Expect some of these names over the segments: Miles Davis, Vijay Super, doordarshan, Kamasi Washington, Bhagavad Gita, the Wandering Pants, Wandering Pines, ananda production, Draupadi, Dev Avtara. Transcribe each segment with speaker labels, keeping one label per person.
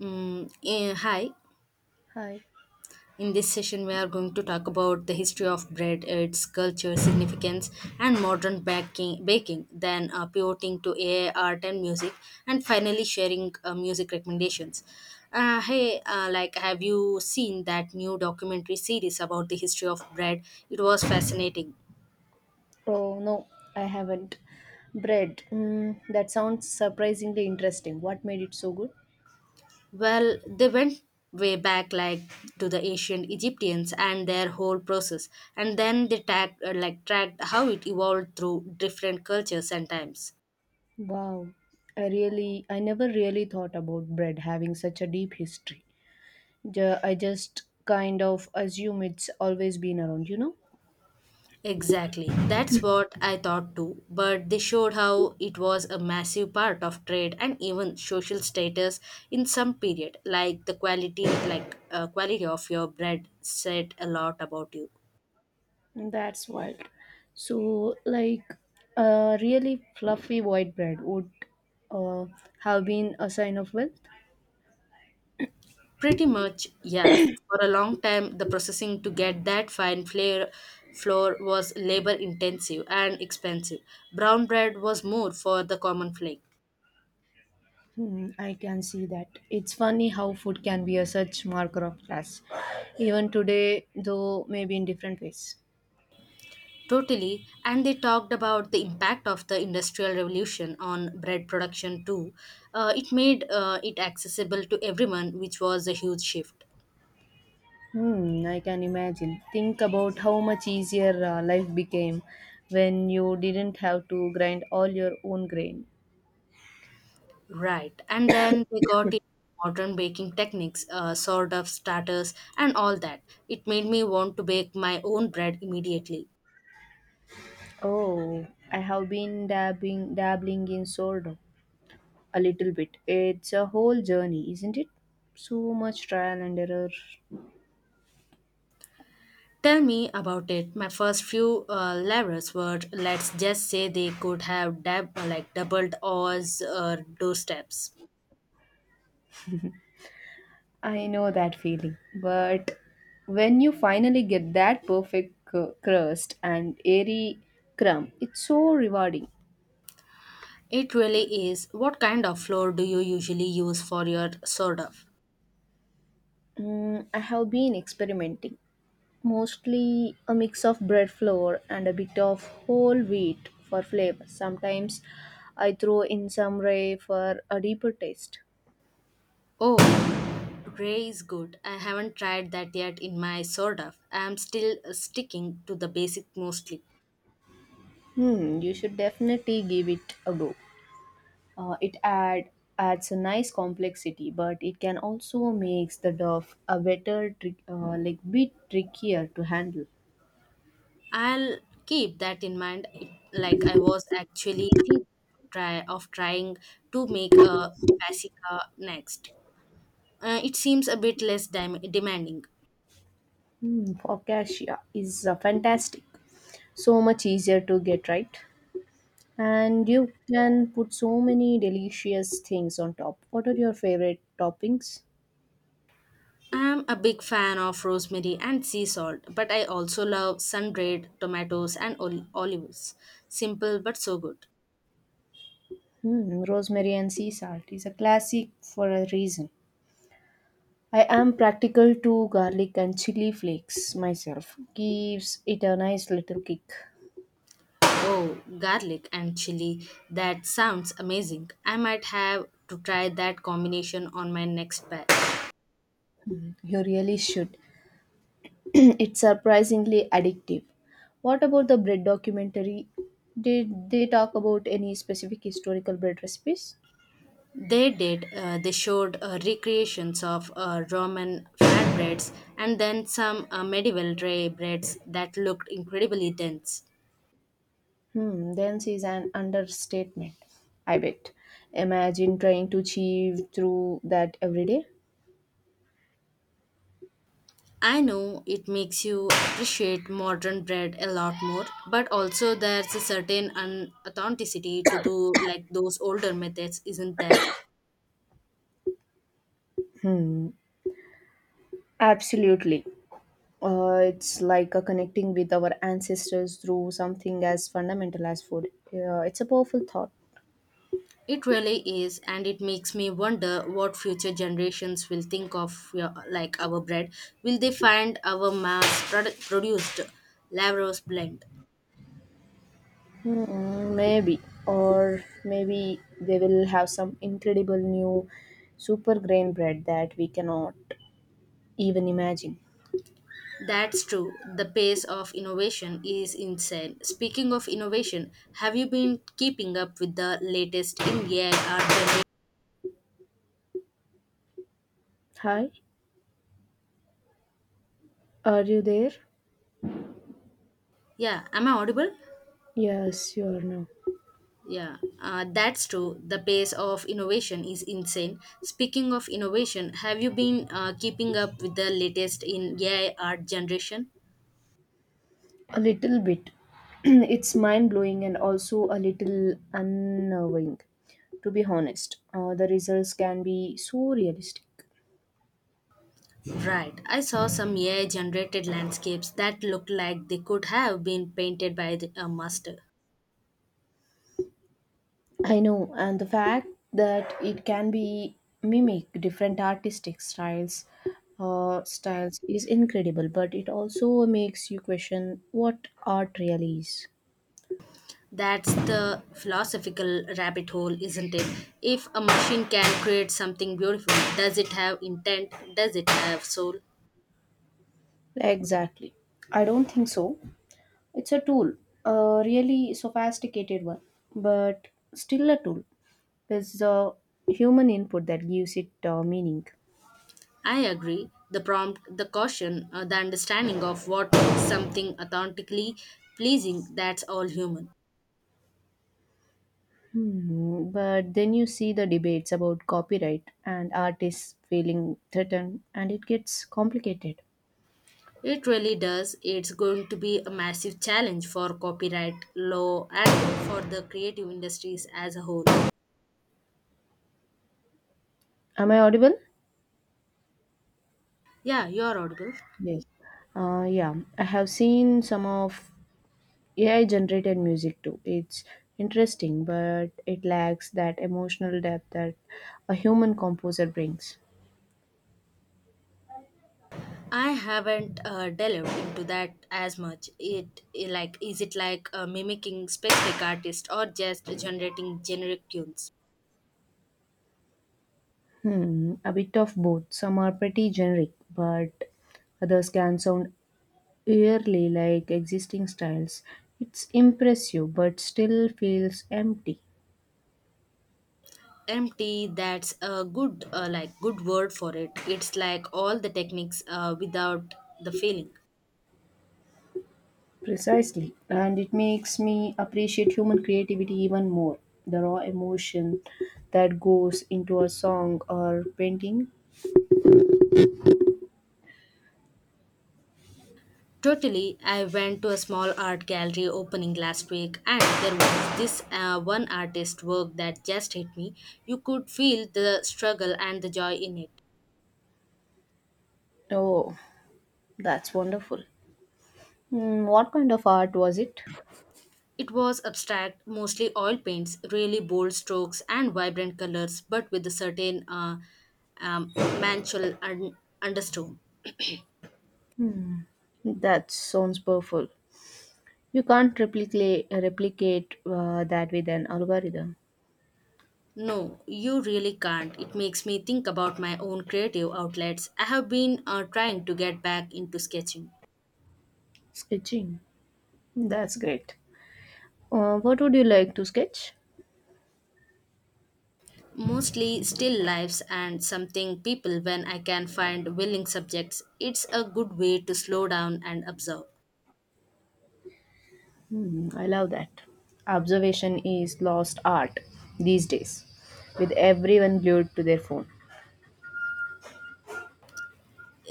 Speaker 1: Hi.
Speaker 2: Hi.
Speaker 1: In this session, we are going to talk about the history of bread, its culture, significance, and modern baking then pivoting to AI, art, and music, and finally sharing music recommendations. Have you seen that new documentary series about the history of bread? It was fascinating.
Speaker 2: Oh no, I haven't. Bread. That sounds surprisingly interesting. What made it so good?
Speaker 1: Well, they went way back, like to the ancient Egyptians and their whole process, and then they tagged, like tracked how it evolved through different cultures and times.
Speaker 2: Wow. I never really thought about bread having such a deep history. I just kind of assume it's always been around, you know?
Speaker 1: Exactly. That's what I thought too, but they showed how it was a massive part of trade and even social status in some period, like the quality like quality of your bread said a lot about you.
Speaker 2: That's wild. So, like, a really fluffy white bread would uh, have been a sign of wealth.
Speaker 1: Pretty much, yeah. For a long time, the processing to get that fine flair flour was labor intensive and expensive. Brown bread was more for the common flake.
Speaker 2: I can see that. It's funny how food can be a such marker of class, even today, though maybe in different ways.
Speaker 1: Totally, and they talked about the impact of the Industrial Revolution on bread production too. It accessible to everyone, which was a huge shift.
Speaker 2: I can imagine. Think about how much easier life became when you didn't have to grind all your own grain.
Speaker 1: Right, and then they got it modern baking techniques, sort of starters, and all that. It made me want to bake my own bread immediately.
Speaker 2: Oh, I have been dabbling in sourdough a little bit. It's a whole journey, isn't it? So much trial and error.
Speaker 1: Tell me about it. My first few levels were, let's just say, they could have doubled or two steps.
Speaker 2: I know that feeling, but when you finally get that perfect crust and airy crumb, it's so rewarding.
Speaker 1: It really is. What kind of flour do you usually use for your of?
Speaker 2: I have been experimenting, mostly a mix of bread flour and a bit of whole wheat for flavor. Sometimes I throw in some rye for a deeper taste.
Speaker 1: Oh, gray is good. I haven't tried that yet in my of. I'm still sticking to the basic mostly.
Speaker 2: You should definitely give it a go. It adds a nice complexity, but it can also makes the dough a better, trick, like bit trickier to handle.
Speaker 1: I'll keep that in mind. Like I was actually thinking trying to make a basica next. It seems a bit less demanding.
Speaker 2: Focaccia is fantastic. So much easier to get right. And you can put so many delicious things on top. What are your favorite toppings?
Speaker 1: I'm a big fan of rosemary and sea salt, but I also love sun-dried tomatoes and olives. Simple but so good.
Speaker 2: Rosemary and sea salt is a classic for a reason. I am practical to garlic and chili flakes myself. Gives it a nice little kick.
Speaker 1: Oh, garlic and chili. That sounds amazing. I might have to try that combination on my next batch.
Speaker 2: You really should. It's surprisingly addictive. What about the bread documentary? Did they talk about any specific historical bread recipes?
Speaker 1: They did. They showed recreations of Roman flatbreads and then some medieval tray breads that looked incredibly dense.
Speaker 2: Dense is an understatement, I bet. Imagine trying to achieve through that every day.
Speaker 1: I know, it makes you appreciate modern bread a lot more, but also there's a certain authenticity to do like those older methods, isn't there?
Speaker 2: Absolutely. It's like a connecting with our ancestors through something as fundamental as food. Yeah, it's a powerful thought.
Speaker 1: It really is, and it makes me wonder what future generations will think of your, like our bread. Will they find our mass produced Lavros blend?
Speaker 2: Maybe, or maybe they will have some incredible new super grain bread that we cannot even imagine.
Speaker 1: That's true. The pace of innovation is insane. Speaking of innovation, have you been keeping up with the latest in AI art?
Speaker 2: Hi, are you there?
Speaker 1: Yeah, am I audible?
Speaker 2: Yes, you are now.
Speaker 1: Yeah, that's true. The pace of innovation is insane. Speaking of innovation, have you been keeping up with the latest in AI art generation?
Speaker 2: A little bit. It's mind blowing and also a little unnerving, to be honest. The results can be so realistic.
Speaker 1: Right, I saw some AI generated landscapes that looked like they could have been painted by a master.
Speaker 2: I know, and the fact that it can be mimic different artistic styles is incredible. But it also makes you question what art really is.
Speaker 1: That's the philosophical rabbit hole, isn't it? If a machine can create something beautiful, does it have intent? Does it have soul?
Speaker 2: Exactly, I don't think so. It's a tool, a really sophisticated one, but still a tool. It's the human input that gives it meaning.
Speaker 1: I agree. The prompt, the caution, the understanding of what makes something authentically pleasing, that's all human.
Speaker 2: But then you see the debates about copyright and artists feeling threatened, and it gets complicated.
Speaker 1: It really does. It's going to be a massive challenge for copyright law and for the creative industries as a whole.
Speaker 2: Am I audible?
Speaker 1: Yeah, you're audible.
Speaker 2: Yes. Yeah, I have seen some of AI generated music too. It's interesting, but it lacks that emotional depth that a human composer brings.
Speaker 1: I haven't delved into that as much. It like is it like mimicking specific artists or just generating generic tunes?
Speaker 2: A bit of both. Some are pretty generic, but others can sound Yearly, like existing styles. It's impressive but still feels empty.
Speaker 1: Empty, that's a good good word for it. It's like all the techniques without the feeling.
Speaker 2: Precisely. And it makes me appreciate human creativity even more. The raw emotion that goes into a song or painting.
Speaker 1: Totally, I went to a small art gallery opening last week and there was this one artist work that just hit me. You could feel the struggle and the joy in it.
Speaker 2: Oh, that's wonderful. What kind of art was it?
Speaker 1: It was abstract, mostly oil paints, really bold strokes and vibrant colors, but with a certain um, manchel undertone.
Speaker 2: That sounds powerful. You can't replicate that with an algorithm.
Speaker 1: No, you really can't. It makes me think about my own creative outlets. I have been trying to get back into sketching.
Speaker 2: Sketching. That's great. What would you like to sketch?
Speaker 1: Mostly still lifes and something people when I can find willing subjects. It's a good way to slow down and observe.
Speaker 2: I love that. Observation is lost art these days, with everyone glued to their phone.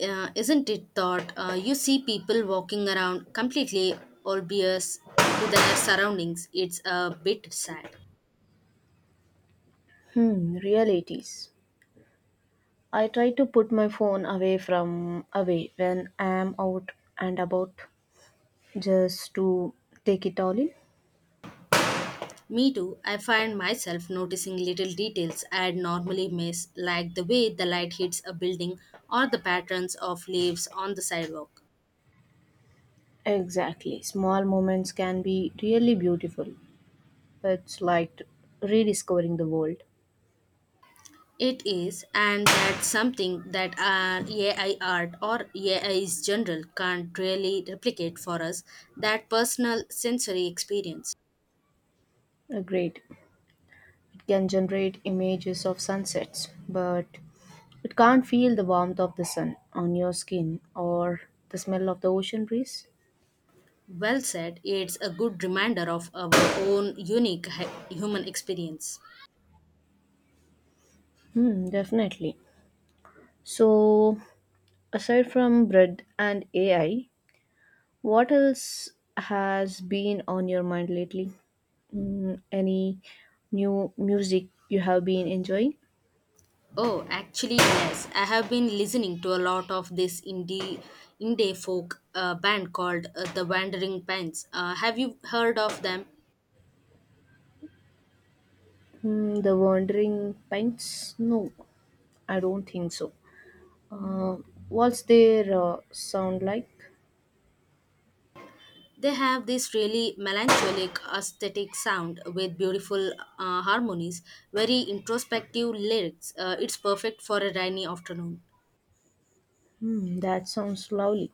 Speaker 1: Isn't it thought, you see people walking around completely oblivious to their surroundings? It's a bit sad.
Speaker 2: Really it is. I try to put my phone away when I am out and about just to take it all in.
Speaker 1: Me too, I find myself noticing little details I'd normally miss, like the way the light hits a building or the patterns of leaves on the sidewalk.
Speaker 2: Exactly. Small moments can be really beautiful. It's like rediscovering the world.
Speaker 1: It is, and that's something that AI art or A is general can't really replicate for us, that personal sensory experience.
Speaker 2: Agreed. Can generate images of sunsets, but it can't feel the warmth of the sun on your skin or the smell of the ocean breeze.
Speaker 1: Well said, it's a good reminder of our own unique human experience.
Speaker 2: Definitely. So, aside from bread and AI, what else has been on your mind lately? Any new music you have been enjoying?
Speaker 1: Oh, actually, yes. I have been listening to a lot of this indie folk band called the Wandering Pants. Have you heard of them?
Speaker 2: The Wandering Pines? No, I don't think so. Uh, what's their sound like?
Speaker 1: They have this really melancholic aesthetic sound with beautiful harmonies, very introspective lyrics. It's perfect for a rainy afternoon.
Speaker 2: That sounds lovely.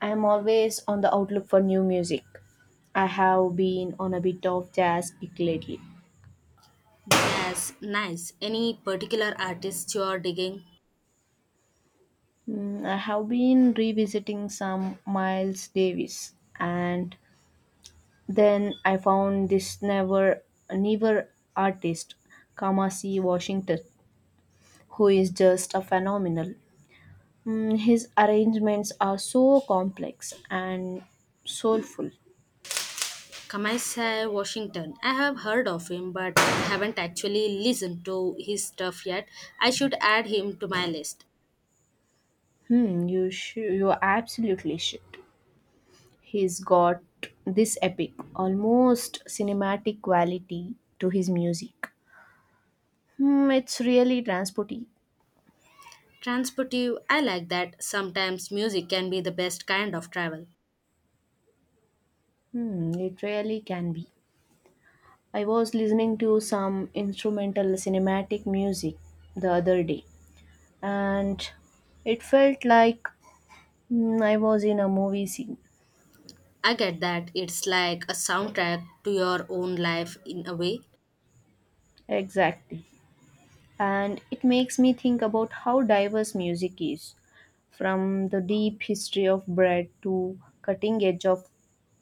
Speaker 2: I am always on the outlook for new music. I have been on a bit of jazz kick lately.
Speaker 1: Yes, nice. Any particular artists you are digging?
Speaker 2: I have been revisiting some Miles Davis, and then I found this never artist, Kamasi Washington, who is just a phenomenal. His arrangements are so complex and soulful.
Speaker 1: Kamasi Washington. I have heard of him, but haven't actually listened to his stuff yet. I should add him to my list.
Speaker 2: You absolutely should. He's got this epic, almost cinematic quality to his music. It's really transporty.
Speaker 1: Transportive, I like that. Sometimes music can be the best kind of travel.
Speaker 2: It really can be. I was listening to some instrumental cinematic music the other day, and it felt like I was in a movie scene.
Speaker 1: I get that, it's like a soundtrack to your own life in a way.
Speaker 2: Exactly. And it makes me think about how diverse music is, from the deep history of bread to cutting edge of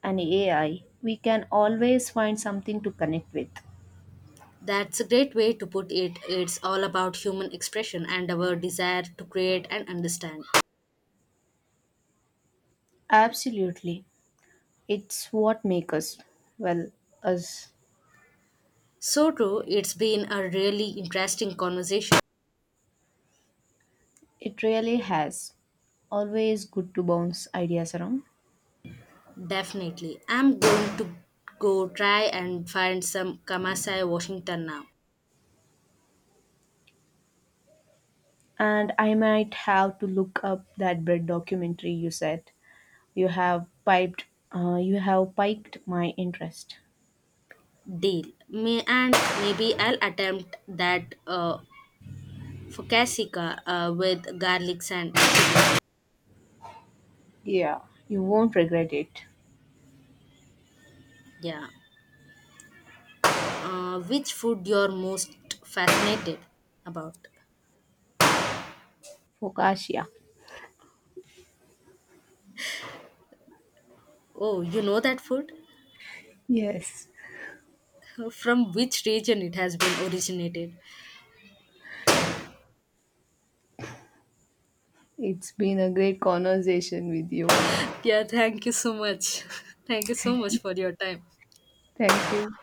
Speaker 2: an AI, we can always find something to connect with.
Speaker 1: That's a great way to put it. It's all about human expression and our desire to create and understand.
Speaker 2: Absolutely. It's what makes us, well, us.
Speaker 1: So true, it's been a really interesting conversation.
Speaker 2: It really has. Always good to bounce ideas around.
Speaker 1: Definitely. I'm going to go try and find some Kamasai Washington now.
Speaker 2: And I might have to look up that bread documentary you said you have piped you have piqued my interest.
Speaker 1: Deal. Maybe I'll attempt that focaccia with garlic and
Speaker 2: Yeah, you won't regret it.
Speaker 1: yeah. Which food you're most fascinated about?
Speaker 2: Focaccia.
Speaker 1: Oh, you know that food?
Speaker 2: Yes,
Speaker 1: From which region it has been originated?
Speaker 2: it's been a great conversation with you.
Speaker 1: Yeah, thank you so much. Thank you so much for your time.
Speaker 2: Thank you.